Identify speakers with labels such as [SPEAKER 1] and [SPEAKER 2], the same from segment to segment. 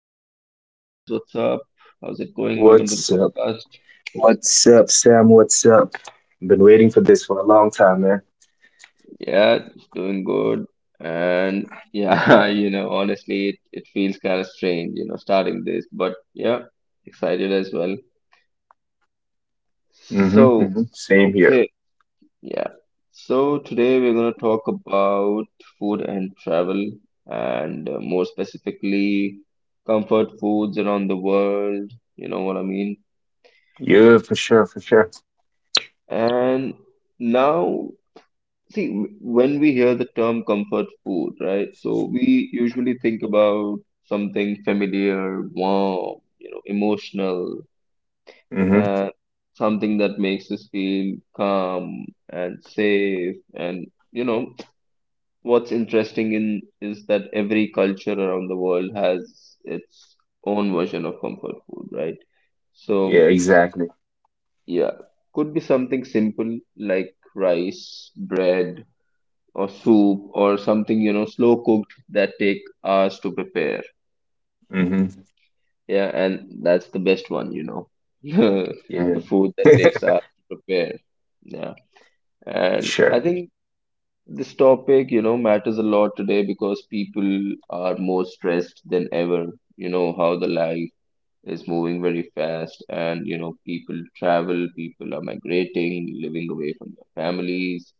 [SPEAKER 1] so hi Vance, what's up? How's it going? Welcome to the
[SPEAKER 2] What's up?
[SPEAKER 1] podcast.
[SPEAKER 2] What's up, Sam? What's up? Been waiting for this for a long time, man.
[SPEAKER 1] Yeah, it's doing good. And yeah, you know, honestly, it feels kind of strange, you know, starting this, but yeah, excited as well.
[SPEAKER 2] Mm-hmm.
[SPEAKER 1] So,
[SPEAKER 2] Mm-hmm. Same here.
[SPEAKER 1] okay, yeah. So today we're going to talk about food and travel, and more specifically, comfort foods around the world, you know what I mean?
[SPEAKER 2] Yeah, for sure, for sure.
[SPEAKER 1] And now See, when we hear the term comfort food, right? So we usually think about something familiar, warm, you know, emotional,
[SPEAKER 2] Mm-hmm.
[SPEAKER 1] and something that makes us feel calm and safe. And, you know, what's interesting in is that every culture around the world has its own version of comfort food, right?
[SPEAKER 2] Yeah,
[SPEAKER 1] So,
[SPEAKER 2] exactly.
[SPEAKER 1] yeah, could be something simple like rice, bread, or soup or something, you know, slow cooked that take hours to prepare.
[SPEAKER 2] Mm-hmm.
[SPEAKER 1] Yeah, and that's the best one, you know.
[SPEAKER 2] Yeah,
[SPEAKER 1] The food that takes hours to prepare. Yeah.
[SPEAKER 2] for
[SPEAKER 1] And I
[SPEAKER 2] sure.
[SPEAKER 1] think this topic, you know, matters a lot today because people are more stressed than ever. You know, how the life is moving very fast and, you know, people travel, people are migrating, living away from their families.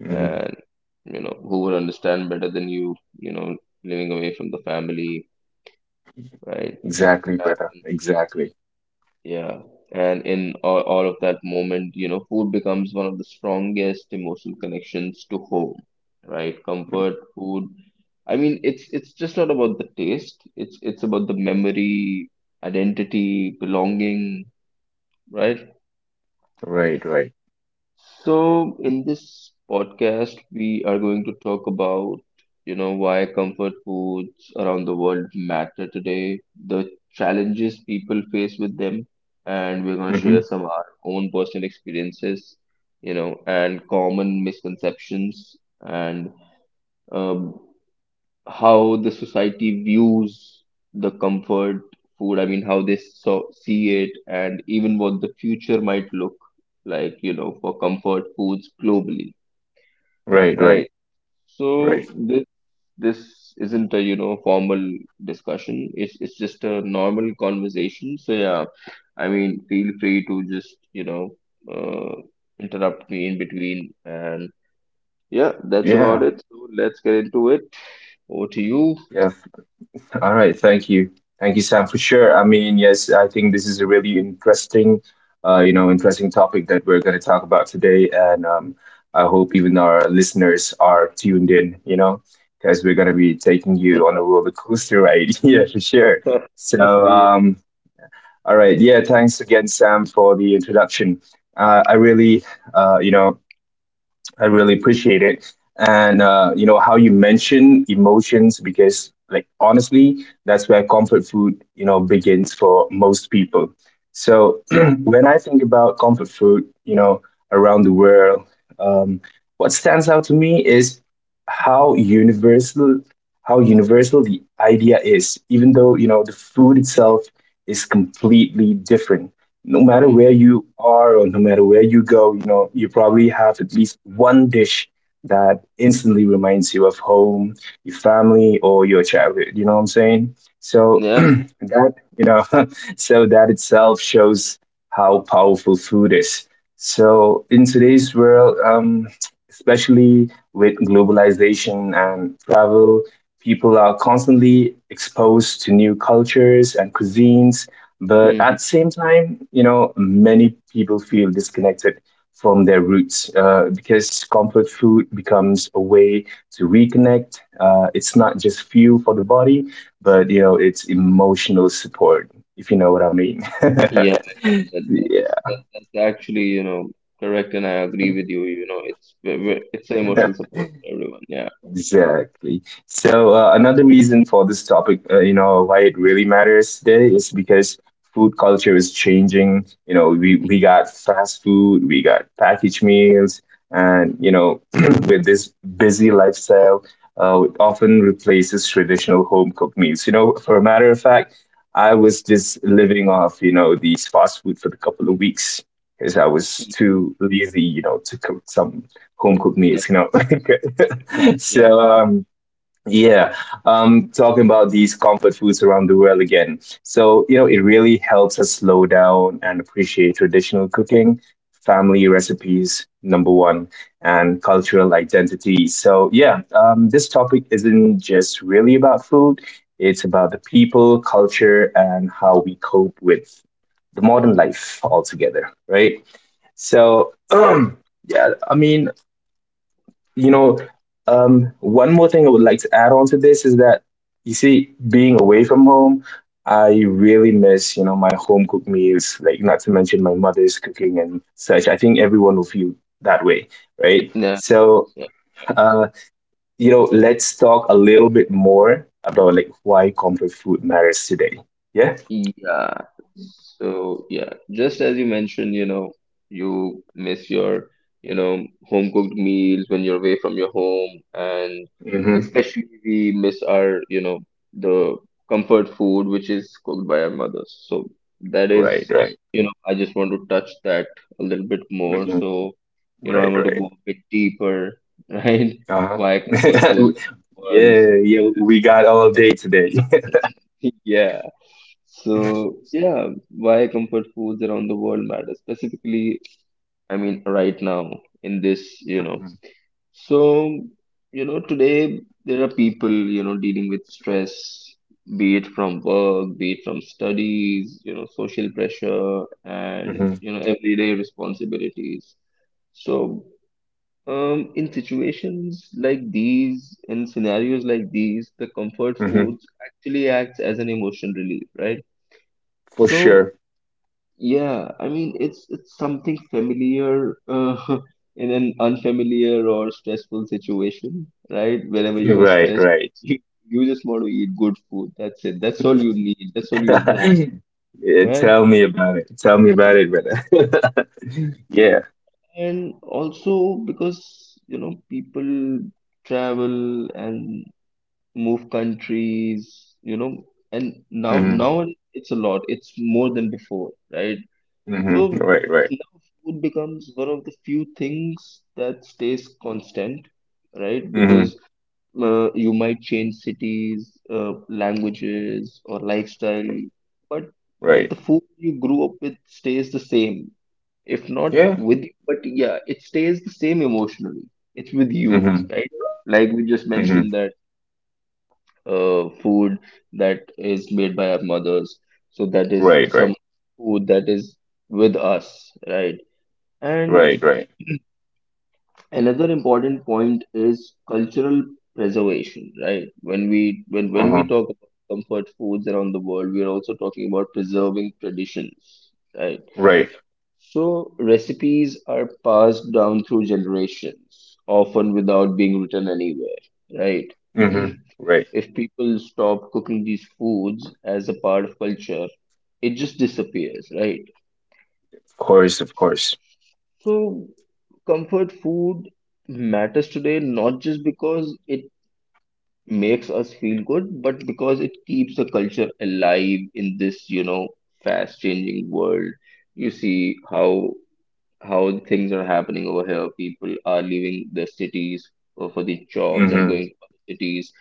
[SPEAKER 2] Mm-hmm.
[SPEAKER 1] And you know who would understand better than you, you know, living away from the family, right?
[SPEAKER 2] Exactly,
[SPEAKER 1] Uh,
[SPEAKER 2] brother. Exactly.
[SPEAKER 1] yeah, and in all of that moment, you know, food becomes one of the strongest emotional connections to home, right?
[SPEAKER 2] Mm.
[SPEAKER 1] Comfort food, I mean, it's just not about the taste, it's about the memory, identity, belonging, right?
[SPEAKER 2] Right, right.
[SPEAKER 1] So, in this podcast, we are going to talk about, you know, why comfort foods around the world matter today, the challenges people face with them, and we're going to share
[SPEAKER 2] Mm-hmm.
[SPEAKER 1] some of our own personal experiences, you know, and common misconceptions and um, how the society views the comfort food. I mean, how they so see it, and even what the future might look like, you know, for comfort foods globally,
[SPEAKER 2] Right, right,
[SPEAKER 1] right?
[SPEAKER 2] right.
[SPEAKER 1] So this isn't a, you know, formal discussion. It's just a normal conversation. So yeah, I mean, feel free to just, you know, uh, interrupt me in between, and yeah, that's about
[SPEAKER 2] Yeah.
[SPEAKER 1] it. So let's get into it. Over to you.
[SPEAKER 2] Yeah, all right, thank you, Sam, for sure. I mean, yes, I think this is a really interesting topic that we're going to talk about today, and I hope even our listeners are tuned in, because we're going to be taking you on a roller coaster ride, yeah, for sure. So,
[SPEAKER 1] Yeah.
[SPEAKER 2] all right, yeah, thanks again, Sam, for the introduction. Uh, I really, uh, you know, I really appreciate it. And you know how you mention emotions because, like, honestly, that's where comfort food begins for most people. So when I think about comfort food around the world, um, what stands out to me is how universal how universal the idea is, even though you know the food itself is completely different no matter
[SPEAKER 1] Mhm.
[SPEAKER 2] where you are or no matter where you go, you know, you probably have at least one dish that instantly reminds you of home, your family, or your childhood. You know what I'm saying? So
[SPEAKER 1] Yeah.
[SPEAKER 2] that you know So that itself shows how powerful food is. So in today's world, especially with globalization and travel, people are constantly exposed to new cultures and cuisines. But at
[SPEAKER 1] Hmm.
[SPEAKER 2] the same time many people feel disconnected from their roots, because comfort food becomes a way to reconnect. It's not just fuel for the body, but it's emotional support, if you know what I mean.
[SPEAKER 1] Yeah, yeah, that,
[SPEAKER 2] yeah.
[SPEAKER 1] that's actually, you know, correct, and I agree with you. You know, it's it's emotional support for everyone. Yeah.
[SPEAKER 2] Exactly. So another reason for this topic, why it really matters today is because food culture is changing. You know, we got fast food, we got packaged meals, and with this busy lifestyle, it often replaces traditional home cooked meals. You know, for a matter of fact, I was just living off these fast food for a couple of weeks because I was
[SPEAKER 1] Mhm.
[SPEAKER 2] too lazy to cook some home cooked
[SPEAKER 1] Yeah,
[SPEAKER 2] meals.
[SPEAKER 1] yeah,
[SPEAKER 2] So yeah, talking about these comfort foods around the world again. So it really helps us slow down and appreciate traditional cooking, family recipes, number one, and cultural identity. So yeah, this topic isn't just really about food. It's about the people, culture, and how we cope with the modern life altogether, right? So, yeah, I mean, you know, one more thing I would like to add on to this is that you see, being away from home, I really miss my home cooked meals, like not to mention my mother's cooking and such. I think everyone will feel that way, right?
[SPEAKER 1] yeah,
[SPEAKER 2] So,
[SPEAKER 1] yeah, yeah.
[SPEAKER 2] uh, let's talk a little bit more about like why comfort food matters today. Yeah.
[SPEAKER 1] Yeah. So yeah, just as you mentioned, you know, you miss your, you know, home cooked meals when you're away from your home, and
[SPEAKER 2] Mm-hmm.
[SPEAKER 1] especially we miss our, you know, the comfort food which is cooked by our mothers. So that
[SPEAKER 2] Right.
[SPEAKER 1] is,
[SPEAKER 2] Right.
[SPEAKER 1] you know, I just want to touch that a little bit more.
[SPEAKER 2] Hmm.
[SPEAKER 1] So, you know, I
[SPEAKER 2] Right.
[SPEAKER 1] want to
[SPEAKER 2] Right.
[SPEAKER 1] go a bit deeper, right?
[SPEAKER 2] Uh huh.
[SPEAKER 1] Why comfort food was.
[SPEAKER 2] Yeah. Yeah. We got all day today.
[SPEAKER 1] Yeah. So, yeah, why comfort foods around the world matter specifically, I mean, right now in this, you know. So, you know, today there are people, you know, dealing with stress, be it from work, be it from studies, you know, social pressure and,
[SPEAKER 2] Mhm.
[SPEAKER 1] you know, everyday responsibilities. So, in situations like these, in scenarios like these, the comfort
[SPEAKER 2] Hmm.
[SPEAKER 1] foods actually acts as an emotional relief, right?
[SPEAKER 2] For
[SPEAKER 1] So
[SPEAKER 2] sure.
[SPEAKER 1] yeah, I mean it's something familiar in an unfamiliar or stressful situation, right? Whenever you are
[SPEAKER 2] Right,
[SPEAKER 1] stressed,
[SPEAKER 2] right.
[SPEAKER 1] you you just want to eat good food. That's it. That's all you need. That's all you want,
[SPEAKER 2] Yeah,
[SPEAKER 1] right?
[SPEAKER 2] tell me about it. Tell me about it, brother. Yeah.
[SPEAKER 1] And also because you know people travel and move countries, you know, and now
[SPEAKER 2] Mm-hmm.
[SPEAKER 1] now it's a lot. It's more than before, right?
[SPEAKER 2] Hmm.
[SPEAKER 1] So
[SPEAKER 2] Right, right.
[SPEAKER 1] now food becomes one of the few things that stays constant, right?
[SPEAKER 2] Mm-hmm.
[SPEAKER 1] Because you might change cities, languages, or lifestyle, but
[SPEAKER 2] Right.
[SPEAKER 1] the food you grew up with stays the same. If not
[SPEAKER 2] Yeah.
[SPEAKER 1] with you, but yeah, it stays the same emotionally. It's with you,
[SPEAKER 2] Mm-hmm.
[SPEAKER 1] right? Like we just
[SPEAKER 2] Mm-hmm.
[SPEAKER 1] mentioned that food that is made by our mothers, so that is
[SPEAKER 2] Right, right.
[SPEAKER 1] some food that is with us, right? And
[SPEAKER 2] Right, right.
[SPEAKER 1] another important point is cultural preservation, right? When we
[SPEAKER 2] Uh-huh.
[SPEAKER 1] talk about comfort foods around the world, we are also talking about preserving traditions, right?
[SPEAKER 2] Right.
[SPEAKER 1] So recipes are passed down through generations, often without being written anywhere, right?
[SPEAKER 2] Mm-hmm. Right.
[SPEAKER 1] If people stop cooking these foods as a part of culture, it just disappears, right?
[SPEAKER 2] Of course, of course.
[SPEAKER 1] So, comfort food matters today not just because it makes us feel good, but because it keeps the culture alive in this, you know, fast changing world. You see how things are happening over here. People are leaving the cities for the jobs and
[SPEAKER 2] Mm-hmm.
[SPEAKER 1] going to other cities,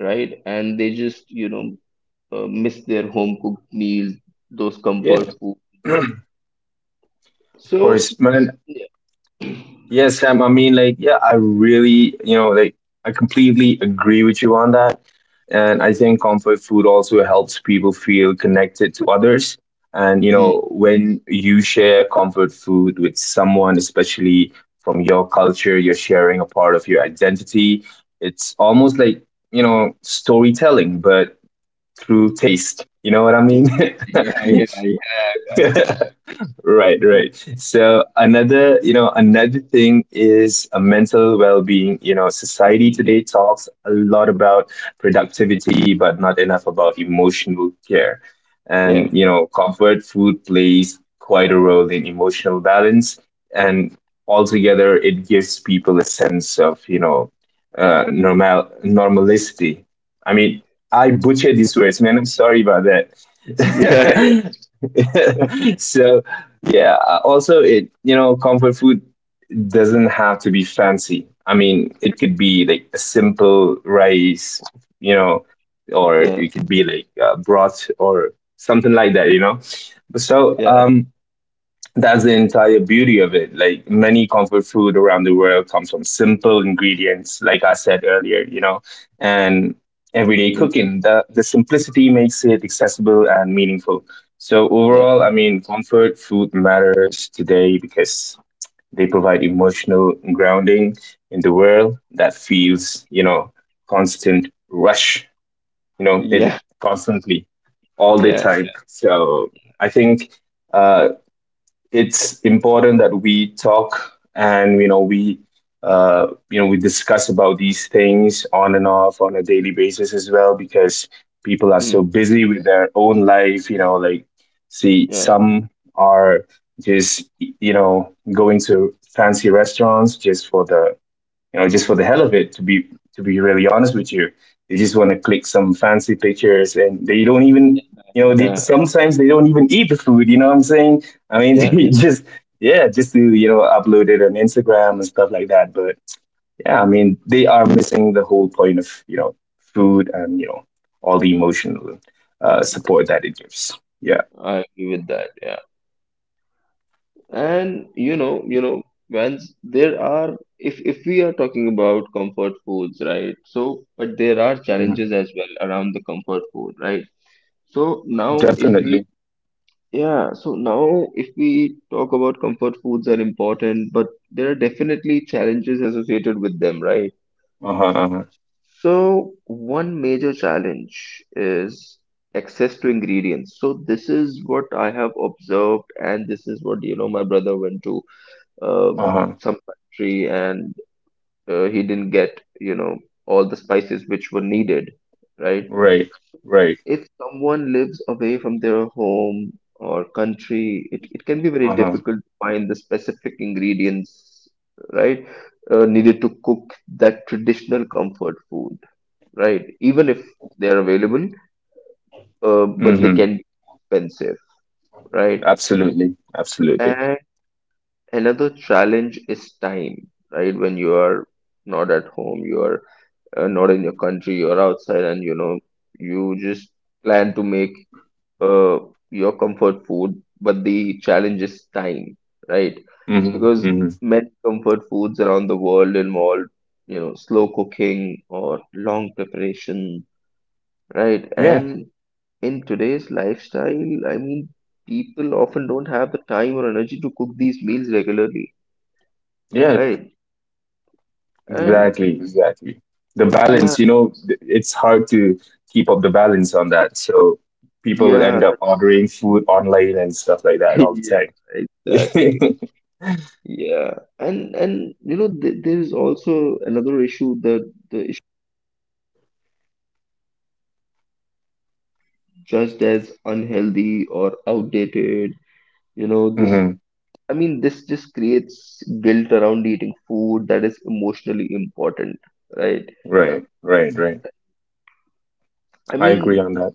[SPEAKER 1] right? And they just, you know, miss their home cooked meals, those
[SPEAKER 2] Yeah,
[SPEAKER 1] comfort food.
[SPEAKER 2] of
[SPEAKER 1] So,
[SPEAKER 2] course, man.
[SPEAKER 1] yeah,
[SPEAKER 2] Yes, Sam. I mean, like, yeah, I really, you know, like, I completely agree with you on that. And I think comfort food also helps people feel connected to others. And, you
[SPEAKER 1] hmm,
[SPEAKER 2] know, when you share comfort food with someone, especially from your culture, you're sharing a part of your identity. It's almost like storytelling, but through taste. You know what I mean?
[SPEAKER 1] yeah, yeah, yeah, gotcha.
[SPEAKER 2] Right.
[SPEAKER 1] Yeah.
[SPEAKER 2] Right. So another you know another thing is a mental well-being. You know, society
[SPEAKER 1] Mm,
[SPEAKER 2] today talks a lot about productivity but not enough
[SPEAKER 1] mm,
[SPEAKER 2] about emotional care. And
[SPEAKER 1] yeah,
[SPEAKER 2] comfort food plays quite a role in emotional balance, and altogether it gives people a sense of normality. I mean, I butchered these words, man. I'm sorry about that.
[SPEAKER 1] yeah.
[SPEAKER 2] So yeah. Also, comfort food doesn't have to be fancy. I mean, it could be like a simple rice, you know, or
[SPEAKER 1] Yeah,
[SPEAKER 2] it could be like broth or something like that. So,
[SPEAKER 1] yeah,
[SPEAKER 2] that's the entire beauty of it. Like many comfort food around the world comes from simple ingredients, like I said earlier, and everyday
[SPEAKER 1] mm,
[SPEAKER 2] cooking. The simplicity makes it accessible and meaningful. So
[SPEAKER 1] yeah,
[SPEAKER 2] overall, I mean, comfort food matters today because they provide emotional grounding in the world that feels constant rush, it
[SPEAKER 1] yeah,
[SPEAKER 2] constantly all the
[SPEAKER 1] yeah,
[SPEAKER 2] time. So I think uh, it's important that we talk and we discuss about these things on and off on a daily basis as well because people are
[SPEAKER 1] mm,
[SPEAKER 2] so busy with their own life, like see
[SPEAKER 1] yeah,
[SPEAKER 2] some are just going to fancy restaurants just for the you know, just for the hell of it, to be really honest with you. They just want to click some fancy pictures, and they don't even, you know, they,
[SPEAKER 1] yeah,
[SPEAKER 2] sometimes they don't even eat the food, you know what I'm saying? I mean,
[SPEAKER 1] yeah, yeah.
[SPEAKER 2] yeah, just to upload it on Instagram and stuff like that. But yeah, I mean, they are missing the whole point of food and all the emotional support that it gives. Yeah,
[SPEAKER 1] I agree with that. Yeah, and you know, once there are, if we are talking about comfort foods, right? So, but there are
[SPEAKER 2] Mhm.
[SPEAKER 1] challenges as well around the comfort food, right? So now, if we,
[SPEAKER 2] Definitely.
[SPEAKER 1] yeah, so now if we talk about comfort foods are important, but there are definitely challenges associated with them, right?
[SPEAKER 2] Uh huh. Uh huh.
[SPEAKER 1] So one major challenge is access to ingredients. So this is what I have observed, and this is what you know. My brother went to
[SPEAKER 2] Uh huh.
[SPEAKER 1] some country, and he didn't get you know all the spices which were needed, right?
[SPEAKER 2] Right.
[SPEAKER 1] So,
[SPEAKER 2] Right.
[SPEAKER 1] if someone lives away from their home or country, it can be very
[SPEAKER 2] Uh huh.
[SPEAKER 1] difficult to find the specific ingredients, right, needed to cook that traditional comfort food, right? Even if they're available, but they
[SPEAKER 2] Mm-hmm.
[SPEAKER 1] can be expensive, right?
[SPEAKER 2] Absolutely. Absolutely.
[SPEAKER 1] And another challenge is time, right? When you are not at home, you are not in your country, you're outside, and you know, you just plan to make uh, your comfort food, but the challenge is time, right?
[SPEAKER 2] Hmm.
[SPEAKER 1] Because
[SPEAKER 2] Hmm.
[SPEAKER 1] many comfort foods around the world involve, you know, slow cooking or long preparation, right?
[SPEAKER 2] Yeah,
[SPEAKER 1] And in today's lifestyle, I mean, people often don't have the time or energy to cook these meals regularly,
[SPEAKER 2] yeah,
[SPEAKER 1] right? And
[SPEAKER 2] exactly, exactly. The
[SPEAKER 1] yeah,
[SPEAKER 2] balance, it's hard to keep up the balance on that. So people
[SPEAKER 1] yeah,
[SPEAKER 2] end up
[SPEAKER 1] that's
[SPEAKER 2] ordering food online and stuff like that
[SPEAKER 1] right.
[SPEAKER 2] all the
[SPEAKER 1] Yeah, exactly.
[SPEAKER 2] time.
[SPEAKER 1] Yeah, and you know, th there is also another issue that the issue just as unhealthy or outdated. You know, this.
[SPEAKER 2] Hmm.
[SPEAKER 1] I mean, this just creates guilt around eating food that is emotionally important, right?
[SPEAKER 2] Right, right, right.
[SPEAKER 1] I
[SPEAKER 2] I agree
[SPEAKER 1] mean,
[SPEAKER 2] on that.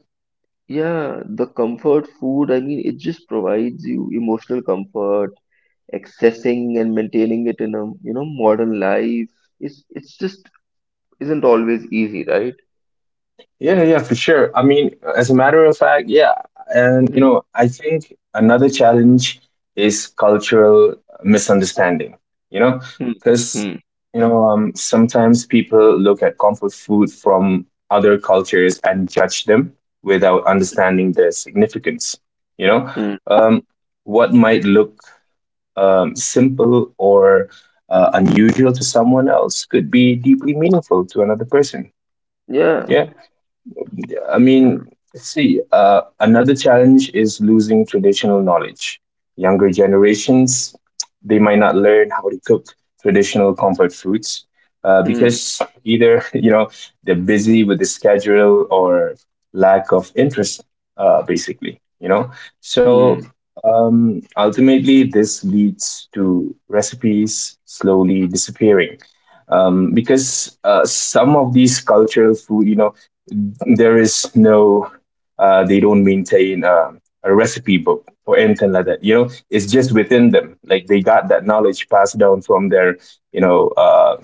[SPEAKER 1] yeah, the comfort food, I mean, it just provides you emotional comfort. Accessing and maintaining it in a, you know, modern life is it's just isn't always easy, right?
[SPEAKER 2] Yeah, yeah, for sure. I mean, as a matter of fact, yeah. And, you
[SPEAKER 1] Hmm,
[SPEAKER 2] know, I think another challenge is cultural misunderstanding, you know,
[SPEAKER 1] hmm,
[SPEAKER 2] because,
[SPEAKER 1] hmm,
[SPEAKER 2] sometimes people look at comfort food from other cultures and judge them without understanding their significance, you know.
[SPEAKER 1] hmm.
[SPEAKER 2] Um, what might look simple or unusual to someone else could be deeply meaningful to another person.
[SPEAKER 1] Yeah.
[SPEAKER 2] Yeah. I
[SPEAKER 1] Yeah.
[SPEAKER 2] mean, see, another challenge is losing traditional knowledge. Younger generations, they might not learn how to cook traditional comfort foods
[SPEAKER 1] Hmm,
[SPEAKER 2] because either, they're busy with the schedule or lack of interest, basically. So
[SPEAKER 1] hmm,
[SPEAKER 2] ultimately, this leads to recipes slowly disappearing because some of these cultural food, there is no, they don't maintain a recipe book or anything like that. You know, it's just within them. Like they got that knowledge passed down from their, you know, uh,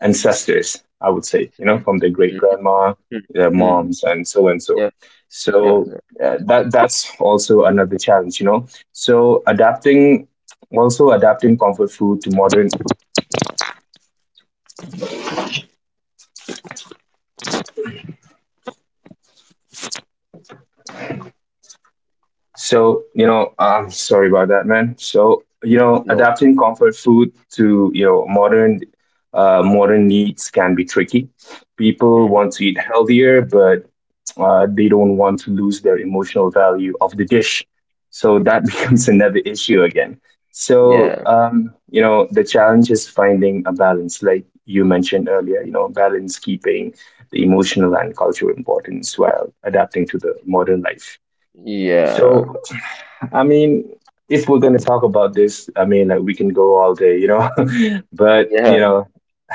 [SPEAKER 2] ancestors. I would say, you know,
[SPEAKER 1] hmm,
[SPEAKER 2] from their great
[SPEAKER 1] hmm,
[SPEAKER 2] grandma,
[SPEAKER 1] hmm,
[SPEAKER 2] their
[SPEAKER 1] hmm.
[SPEAKER 2] moms, and so and so.
[SPEAKER 1] Yeah, yeah,
[SPEAKER 2] So
[SPEAKER 1] yeah.
[SPEAKER 2] that's also another challenge. You know, so adapting comfort food to modern. So, I'm sorry about that, man. So,
[SPEAKER 1] No.
[SPEAKER 2] adapting comfort food to modern needs can be tricky. People
[SPEAKER 1] Mhm.
[SPEAKER 2] want to eat healthier, but they don't want to lose their emotional value of the dish. So that becomes another issue again. So,
[SPEAKER 1] Yeah,
[SPEAKER 2] the challenge is finding a balance, like you mentioned earlier, balance keeping the emotional and cultural importance while adapting to the modern life.
[SPEAKER 1] yeah,
[SPEAKER 2] So, I mean, if we're going to talk about this, I mean, like, we can go all day. But
[SPEAKER 1] yeah,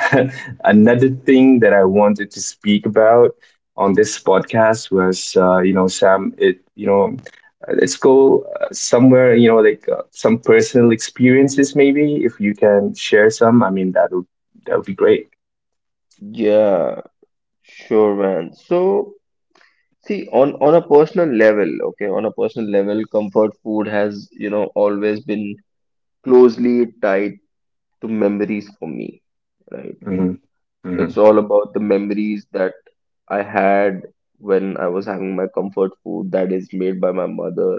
[SPEAKER 2] another thing that I wanted to speak about on this podcast was, Sam, let's go somewhere, like some personal experiences, maybe if you can share some. I mean, that'll be great.
[SPEAKER 1] yeah. Sure, man. So. See, on a personal level, okay, on a personal level, comfort food has, you know, always been closely tied to memories for me, right?
[SPEAKER 2] Hmm.
[SPEAKER 1] It's
[SPEAKER 2] Hmm.
[SPEAKER 1] all about the memories that I had when I was having my comfort food that is made by my mother,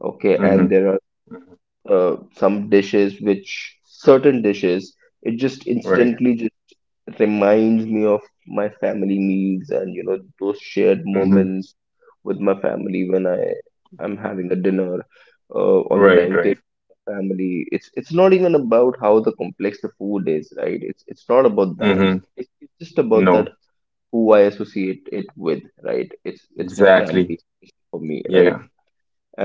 [SPEAKER 1] okay, and
[SPEAKER 2] Hmm.
[SPEAKER 1] there are some dishes which certain dishes, it just
[SPEAKER 2] Right.
[SPEAKER 1] instantly reminds me of my family meals, and you know those shared
[SPEAKER 2] Hmm.
[SPEAKER 1] moments with my family when I am having a dinner on the
[SPEAKER 2] Right.
[SPEAKER 1] dining
[SPEAKER 2] Right.
[SPEAKER 1] table with my family. It's not even about how the complex the food is, right? It's not about that.
[SPEAKER 2] Hmm.
[SPEAKER 1] It's just about
[SPEAKER 2] No.
[SPEAKER 1] that who I associate it with, right? It's my
[SPEAKER 2] Exactly.
[SPEAKER 1] family for me, right?
[SPEAKER 2] Yeah.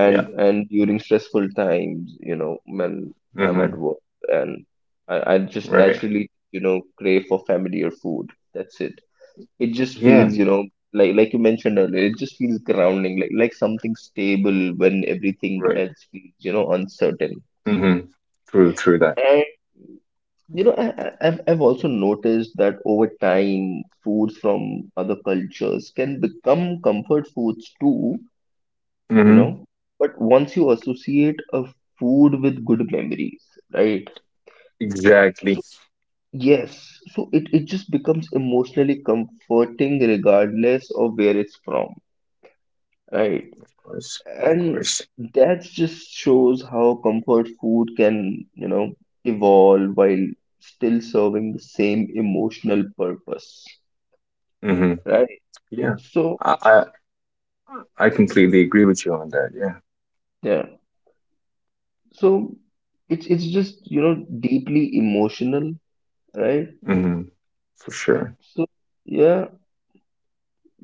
[SPEAKER 1] and
[SPEAKER 2] Yeah.
[SPEAKER 1] and during stressful times, you know, when I'm at
[SPEAKER 2] Hmm.
[SPEAKER 1] work and I just
[SPEAKER 2] Right.
[SPEAKER 1] naturally, you know, crave for family or food, that's it. It just
[SPEAKER 2] Yeah.
[SPEAKER 1] feels, you know, like you mentioned earlier, it just feels grounding, like something stable when everything
[SPEAKER 2] Right.
[SPEAKER 1] else feels, you know, uncertain.
[SPEAKER 2] Mm-hmm. True. True that.
[SPEAKER 1] And you know I've also noticed that over time foods from other cultures can become comfort foods too, you
[SPEAKER 2] Mm-hmm.
[SPEAKER 1] know. But once you associate a food with good memories, right?
[SPEAKER 2] Exactly.
[SPEAKER 1] So yes, so it just becomes emotionally comforting regardless of where it's from, right?
[SPEAKER 2] Of course. Of
[SPEAKER 1] And
[SPEAKER 2] course.
[SPEAKER 1] that just shows how comfort food can, you know, evolve while still serving the same emotional purpose,
[SPEAKER 2] Mm-hmm.
[SPEAKER 1] right?
[SPEAKER 2] Yeah.
[SPEAKER 1] So
[SPEAKER 2] I, I I completely agree with you on that. Yeah.
[SPEAKER 1] yeah, so it's just, you know, deeply emotional, right?
[SPEAKER 2] Mm-hmm. For sure.
[SPEAKER 1] So yeah,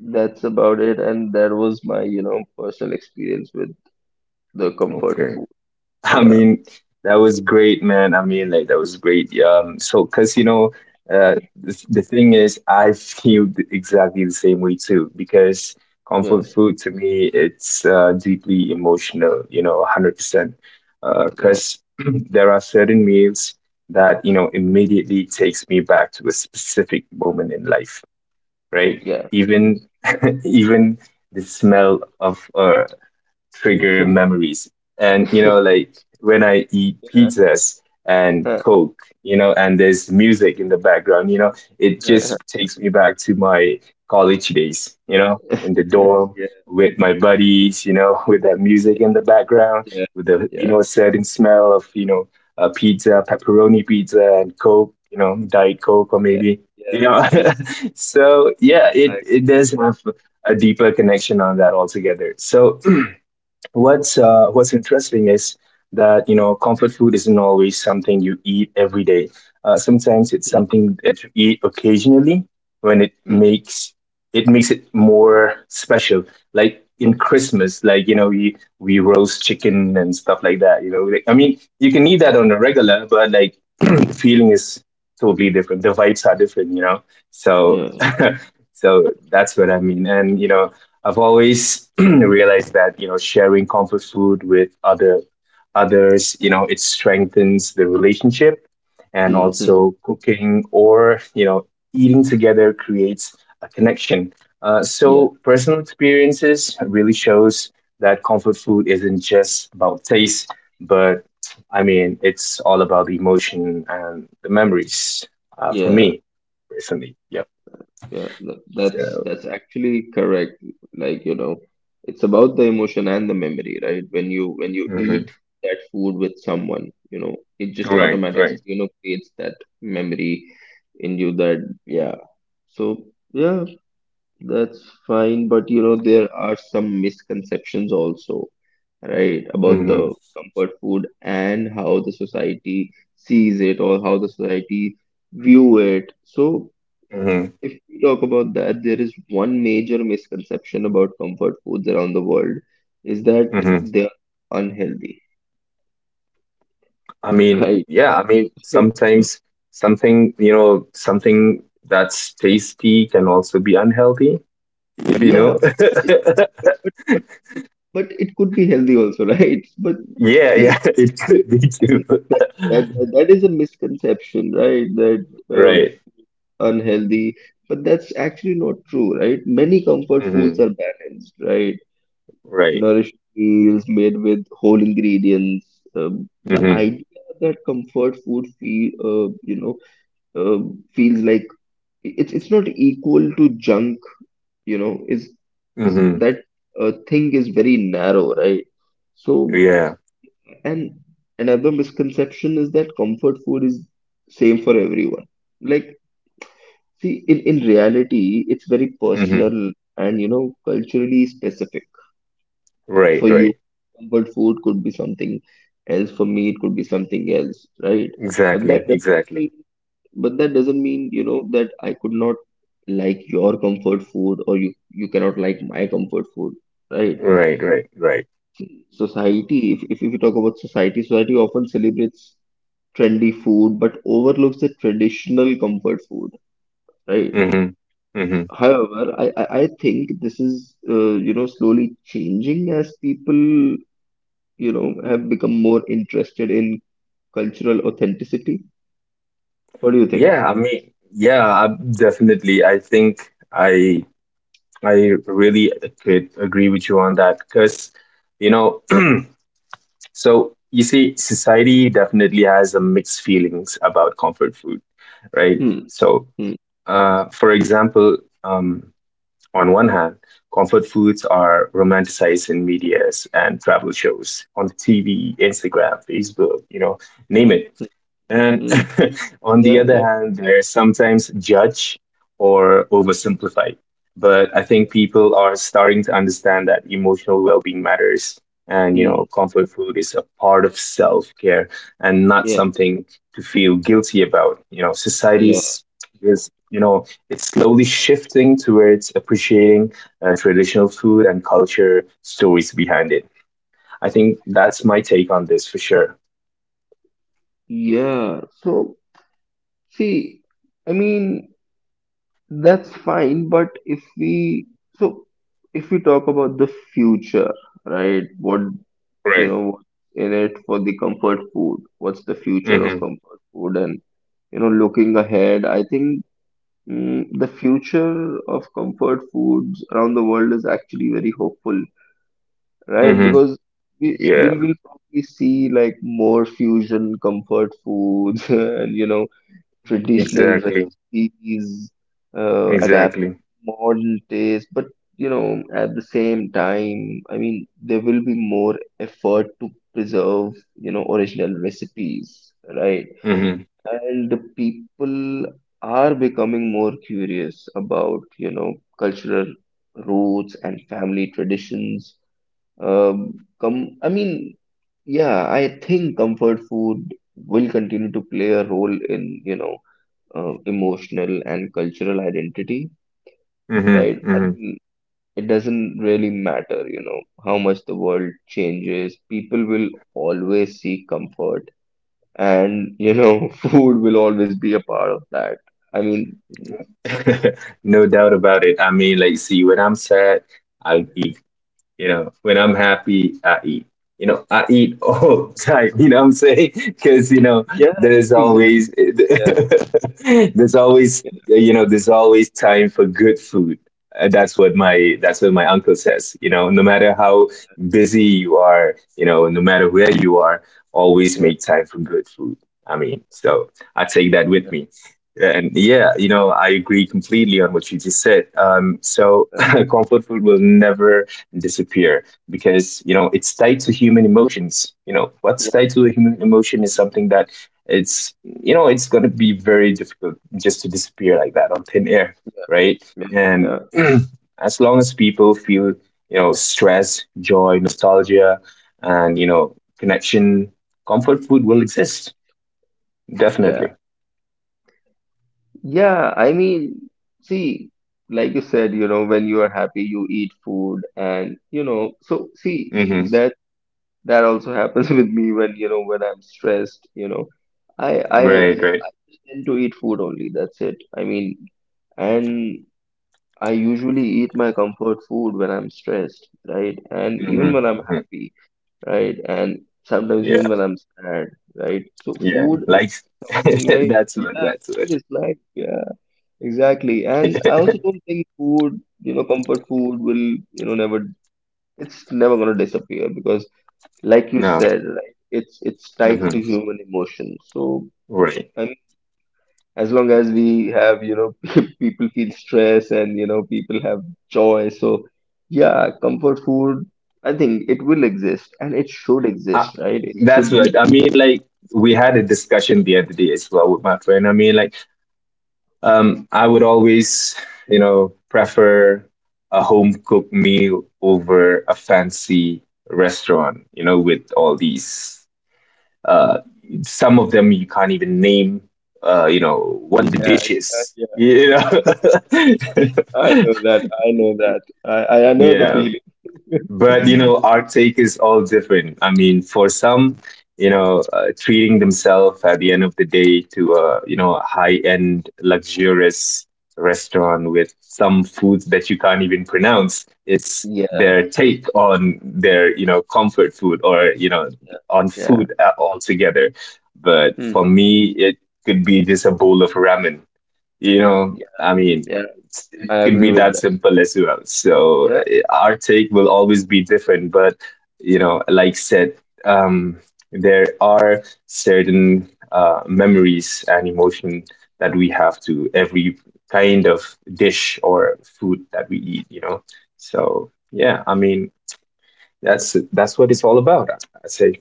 [SPEAKER 1] that's about it. And that was my, you know, personal experience with the comfort
[SPEAKER 2] Okay.
[SPEAKER 1] food.
[SPEAKER 2] I
[SPEAKER 1] Yeah,
[SPEAKER 2] mean, that was great, man. I mean, like that was great. So because the thing is, I feel exactly the same way too. Because
[SPEAKER 1] yeah,
[SPEAKER 2] comfort food to me, it's deeply emotional. You know, 100%.
[SPEAKER 1] yeah,
[SPEAKER 2] Because there are certain meals that immediately takes me back to a specific moment in life, right?
[SPEAKER 1] yeah.
[SPEAKER 2] Even even the smell of trigger memories. And like when I eat
[SPEAKER 1] Yeah,
[SPEAKER 2] pizzas and
[SPEAKER 1] huh,
[SPEAKER 2] Coke, and there's music in the background, it
[SPEAKER 1] huh, huh.
[SPEAKER 2] just takes me back to my college days, in the dorm
[SPEAKER 1] Yeah,
[SPEAKER 2] with my buddies, with that music in the background,
[SPEAKER 1] yeah,
[SPEAKER 2] with the
[SPEAKER 1] yeah,
[SPEAKER 2] certain smell of pizza, pepperoni pizza, and Coke, Diet Coke or
[SPEAKER 1] yeah,
[SPEAKER 2] maybe
[SPEAKER 1] yeah,
[SPEAKER 2] you know.
[SPEAKER 1] yeah.
[SPEAKER 2] So yeah,
[SPEAKER 1] I,
[SPEAKER 2] it does
[SPEAKER 1] yeah,
[SPEAKER 2] have a deeper connection on that altogether. So what's interesting is that comfort food isn't always something you eat every day. Sometimes it's
[SPEAKER 1] yeah,
[SPEAKER 2] something that you eat occasionally when it makes it more special. Like
[SPEAKER 1] yeah,
[SPEAKER 2] in Christmas, like we roast chicken and stuff like that. Like, I mean you can eat
[SPEAKER 1] yeah,
[SPEAKER 2] that on a regular, but like the feeling is totally different. The vibes are different. So
[SPEAKER 1] yeah,
[SPEAKER 2] that's what I mean. And I've always realized that sharing comfort food with others, it strengthens the relationship, and
[SPEAKER 1] hmm, hmm,
[SPEAKER 2] also cooking or eating together creates a connection. Uh,
[SPEAKER 1] yeah,
[SPEAKER 2] so personal experiences really shows that comfort food isn't just about taste, but I mean it's all about the emotion and the memories. For
[SPEAKER 1] yeah,
[SPEAKER 2] me personally, yep.
[SPEAKER 1] yeah,
[SPEAKER 2] So
[SPEAKER 1] that's actually correct. Like, you know, it's about the emotion and the memory, right? When you eat
[SPEAKER 2] mhm.
[SPEAKER 1] that food with someone, you know, it just
[SPEAKER 2] All right, all right.
[SPEAKER 1] automatically, you know, creates that memory in you that yeah. So yeah, that's fine, but you know, there are some misconceptions also, right, about
[SPEAKER 2] Mm-hmm.
[SPEAKER 1] the comfort food and how the society sees it or how the society view it. So if we talk about that, there is one major misconception about comfort foods around the world is that
[SPEAKER 2] Hmm.
[SPEAKER 1] they are unhealthy,
[SPEAKER 2] I mean,
[SPEAKER 1] right?
[SPEAKER 2] yeah, I mean, sometimes something that's tasty can also be unhealthy, you
[SPEAKER 1] Yeah,
[SPEAKER 2] know?
[SPEAKER 1] but it could, but, but but but it could be healthy also, right? But
[SPEAKER 2] Yeah,
[SPEAKER 1] see,
[SPEAKER 2] yeah, it could be
[SPEAKER 1] I mean
[SPEAKER 2] too.
[SPEAKER 1] that that is a misconception, right? That uh,
[SPEAKER 2] Right.
[SPEAKER 1] unhealthy, but that's actually not true, right? Many comfort foods
[SPEAKER 2] Hmm.
[SPEAKER 1] are balanced, right?
[SPEAKER 2] Right.
[SPEAKER 1] Nourished meals made with whole ingredients. The
[SPEAKER 2] Hmm.
[SPEAKER 1] idea that comfort food uh, feels like it's not equal to junk, you know, is
[SPEAKER 2] Hmm.
[SPEAKER 1] that thing is very narrow, right? So,
[SPEAKER 2] Yeah.
[SPEAKER 1] and another misconception is that comfort food is same for everyone. Like, see, in reality, it's very
[SPEAKER 2] Hmm.
[SPEAKER 1] personal and you know culturally specific for
[SPEAKER 2] Right,
[SPEAKER 1] you,
[SPEAKER 2] right.
[SPEAKER 1] comfort food could be something else, for me it could be something else, right? But
[SPEAKER 2] Exactly,
[SPEAKER 1] that doesn't
[SPEAKER 2] exactly.
[SPEAKER 1] mean, but that doesn't mean you know that I could not like your comfort food, or you cannot like my comfort food, right?
[SPEAKER 2] Right, right, right.
[SPEAKER 1] Society, if we talk about society, society often celebrates trendy food but overlooks the traditional comfort food, right?
[SPEAKER 2] Hmm. Hmm.
[SPEAKER 1] However I think this is you know slowly changing as people you know have become more interested in cultural authenticity. What do you think?
[SPEAKER 2] Yeah, I mean, yeah, I, definitely. I think I really could agree with you on that because, you know, so you see, society definitely has a mixed feelings about comfort food, right?
[SPEAKER 1] Hmm.
[SPEAKER 2] So,
[SPEAKER 1] Hmm.
[SPEAKER 2] for example, um, on one hand, comfort foods are romanticized in medias and travel shows on TV, Instagram, Facebook, name it. And
[SPEAKER 1] Hmm.
[SPEAKER 2] on the
[SPEAKER 1] Yeah.
[SPEAKER 2] other
[SPEAKER 1] Yeah.
[SPEAKER 2] hand, they're sometimes judge or oversimplified. But I
[SPEAKER 1] Yeah.
[SPEAKER 2] think people are starting to understand that emotional well being matters. And, you
[SPEAKER 1] Hmm.
[SPEAKER 2] know, comfort food is a part of self care and not
[SPEAKER 1] Yeah.
[SPEAKER 2] something to feel guilty about. You know,
[SPEAKER 1] Yeah.
[SPEAKER 2] society's is, it's slowly shifting towards appreciating traditional food and culture stories behind it. I think that's my take on this for sure.
[SPEAKER 1] Yeah. So see, I mean that's fine, but if we, so if we talk about the future, right? What,
[SPEAKER 2] Right.
[SPEAKER 1] you know, what's in it for the comfort food? What's the future of
[SPEAKER 2] Mm-hmm.
[SPEAKER 1] comfort food? And you know, looking ahead, I think the future of comfort foods around the world is actually very hopeful, right?
[SPEAKER 2] Mm-hmm.
[SPEAKER 1] Because we
[SPEAKER 2] Yeah,
[SPEAKER 1] will probably see like more fusion comfort foods and you know traditional
[SPEAKER 2] exactly.
[SPEAKER 1] recipes adapted
[SPEAKER 2] Exactly.
[SPEAKER 1] to modern taste, but you know at the same time, I mean there will be more effort to preserve you know original recipes, right?
[SPEAKER 2] Hmm.
[SPEAKER 1] And the people are becoming more curious about you know cultural roots and family traditions. Com I mean, yeah, I think comfort food will continue to play a role in, you know, emotional and cultural identity,
[SPEAKER 2] Hmm.
[SPEAKER 1] right? I
[SPEAKER 2] Hmm.
[SPEAKER 1] mean, it doesn't really matter, you know, how much the world changes. People will always seek comfort, and, you know, food will always be a part of that. I mean,
[SPEAKER 2] No doubt about it. I mean, like, see, when I'm sad, I eat. When I'm happy, I eat. I eat all the time. You know what I'm saying? Because
[SPEAKER 1] yeah,
[SPEAKER 2] there's
[SPEAKER 1] exactly.
[SPEAKER 2] always
[SPEAKER 1] Yeah,
[SPEAKER 2] there's always
[SPEAKER 1] yeah,
[SPEAKER 2] there's always time for good food. That's what my uncle says. No matter how busy you are, no matter where you are, always
[SPEAKER 1] yeah,
[SPEAKER 2] make time for good food. I mean, so I take that
[SPEAKER 1] yeah, yeah,
[SPEAKER 2] with me. And yeah, I agree completely on what you just said. So comfort food will never disappear because it's tied to human emotions. What's
[SPEAKER 1] yeah,
[SPEAKER 2] tied to the human emotion is something that it's you know it's going to be very difficult just to disappear like that on thin air, right? And
[SPEAKER 1] yeah.
[SPEAKER 2] as long as people feel stress, joy, nostalgia, and connection, comfort food will
[SPEAKER 1] Yeah.
[SPEAKER 2] exist.
[SPEAKER 1] Yeah.
[SPEAKER 2] Definitely.
[SPEAKER 1] Yeah, I mean, see, like you said, you know, when you are happy, you eat food and, you know, so see,
[SPEAKER 2] Hmm.
[SPEAKER 1] that that also happens with me when, you know, when I'm stressed, you know. I
[SPEAKER 2] Right, right.
[SPEAKER 1] tend to eat food only, that's it. I mean, and I usually eat my comfort food when I'm stressed, right? And even
[SPEAKER 2] Hmm.
[SPEAKER 1] when I'm
[SPEAKER 2] Hmm.
[SPEAKER 1] happy, right? And sometimes
[SPEAKER 2] Yeah,
[SPEAKER 1] even when I'm sad, right? So
[SPEAKER 2] yeah,
[SPEAKER 1] food is
[SPEAKER 2] like
[SPEAKER 1] something like, yeah,
[SPEAKER 2] that's
[SPEAKER 1] food is life, yeah. Exactly. And I also
[SPEAKER 2] what
[SPEAKER 1] don't think food, you know, comfort food will, you know, never, it's never going to disappear because, like you
[SPEAKER 2] no.
[SPEAKER 1] said, right, it's tied
[SPEAKER 2] Mm-hmm.
[SPEAKER 1] to human emotion. So,
[SPEAKER 2] Right.
[SPEAKER 1] I mean, as long as we have, you know, people feel stress and, you know, people have joy. So, yeah, comfort food, I think it will exist and it should
[SPEAKER 2] Uh,
[SPEAKER 1] exist, right? It
[SPEAKER 2] that's
[SPEAKER 1] should be
[SPEAKER 2] right.
[SPEAKER 1] there.
[SPEAKER 2] I mean, like we had a discussion the other day as well with my friend. I mean, like I would always, prefer a home cooked meal over a fancy restaurant. With all these, uh, some of them you can't even name. You know what the
[SPEAKER 1] Yeah,
[SPEAKER 2] dish
[SPEAKER 1] yeah,
[SPEAKER 2] is.
[SPEAKER 1] yeah.
[SPEAKER 2] You
[SPEAKER 1] I
[SPEAKER 2] know.
[SPEAKER 1] know that. I know that. I know the
[SPEAKER 2] Yeah. But you
[SPEAKER 1] feeling.
[SPEAKER 2] know, our take is all different. I mean, for some, treating themselves at the end of the day to a high-end luxurious restaurant with some foods that you can't even pronounce. It's
[SPEAKER 1] Yeah,
[SPEAKER 2] their take on their comfort food or
[SPEAKER 1] yeah,
[SPEAKER 2] on
[SPEAKER 1] yeah.
[SPEAKER 2] food, altogether. But
[SPEAKER 1] Hmm.
[SPEAKER 2] for me, it could be just a bowl of ramen. I mean,
[SPEAKER 1] Yeah,
[SPEAKER 2] it
[SPEAKER 1] I
[SPEAKER 2] could
[SPEAKER 1] agree
[SPEAKER 2] be
[SPEAKER 1] with
[SPEAKER 2] that
[SPEAKER 1] that.
[SPEAKER 2] simple as well. So
[SPEAKER 1] Yeah,
[SPEAKER 2] our take will always be different, but like said, um, there are certain memories and emotion that we have to every kind of dish or food that we eat. So yeah, I mean, that's what it's all about. I say,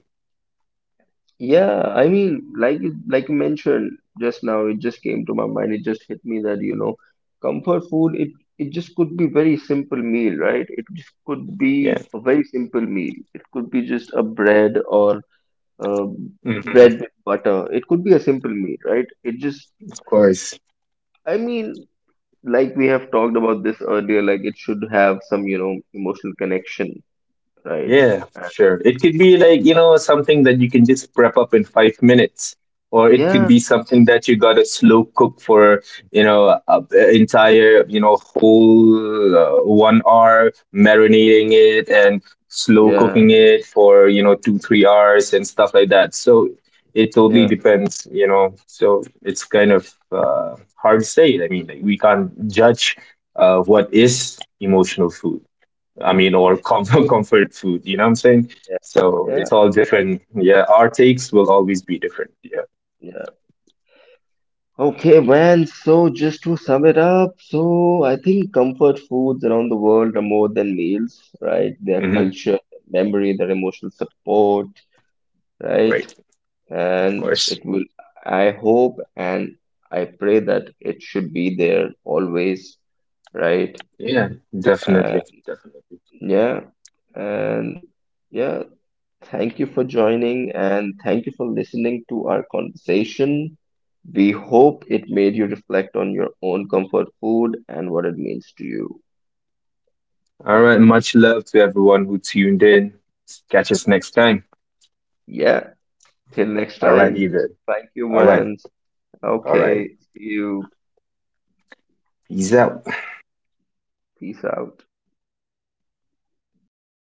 [SPEAKER 1] yeah. I mean, like you mentioned just now, it just came to my mind. It just hit me that, you know, comfort food, it just could be very simple meal, right? It just could
[SPEAKER 2] yeah.
[SPEAKER 1] be a very simple meal. It could be just a bread or um,
[SPEAKER 2] Mhm.
[SPEAKER 1] bread with butter. It could be a simple meal, right? It just,
[SPEAKER 2] Of course.
[SPEAKER 1] I mean, like we have talked about this earlier, like it should have some, you know, emotional connection, right?
[SPEAKER 2] Yeah,
[SPEAKER 1] And,
[SPEAKER 2] sure. It could be like, something that you can just prep up in 5 minutes. Or it could
[SPEAKER 1] yeah,
[SPEAKER 2] be something that you gotta slow cook for, you know, a, a entire, whole 1 hour, marinating it and slow
[SPEAKER 1] yeah,
[SPEAKER 2] cooking it for, two, 3 hours and stuff like that. So it totally
[SPEAKER 1] yeah.
[SPEAKER 2] depends. So it's kind of hard to say. I mean, like, we can't judge what is emotional food. I mean, or
[SPEAKER 1] Yeah.
[SPEAKER 2] comfort comfort food. You know what I'm saying?
[SPEAKER 1] Yeah,
[SPEAKER 2] So
[SPEAKER 1] yeah,
[SPEAKER 2] it's all
[SPEAKER 1] uh,
[SPEAKER 2] different. Yeah, our takes will always be different. Yeah.
[SPEAKER 1] yeah. Okay, man. So just to sum it up, so I think comfort foods around the world are more than meals, right? Their
[SPEAKER 2] Hmm.
[SPEAKER 1] culture, their memory, their emotional support, right?
[SPEAKER 2] Right. Of
[SPEAKER 1] And
[SPEAKER 2] course.
[SPEAKER 1] it will, I hope and I pray that it should be there always, right?
[SPEAKER 2] Yeah.
[SPEAKER 1] Uh,
[SPEAKER 2] Definitely. Definitely.
[SPEAKER 1] yeah, and yeah, thank you for joining and thank you for listening to our conversation. We hope it made you reflect on your own comfort food and what it means to you.
[SPEAKER 2] All right. Much love to everyone who tuned in. Catch us next time.
[SPEAKER 1] Yeah, till next
[SPEAKER 2] All right,
[SPEAKER 1] time.
[SPEAKER 2] Ethan.
[SPEAKER 1] Thank you,
[SPEAKER 2] All right.
[SPEAKER 1] man.
[SPEAKER 2] All right.
[SPEAKER 1] Okay, see you.
[SPEAKER 2] Peace out.
[SPEAKER 1] Peace out.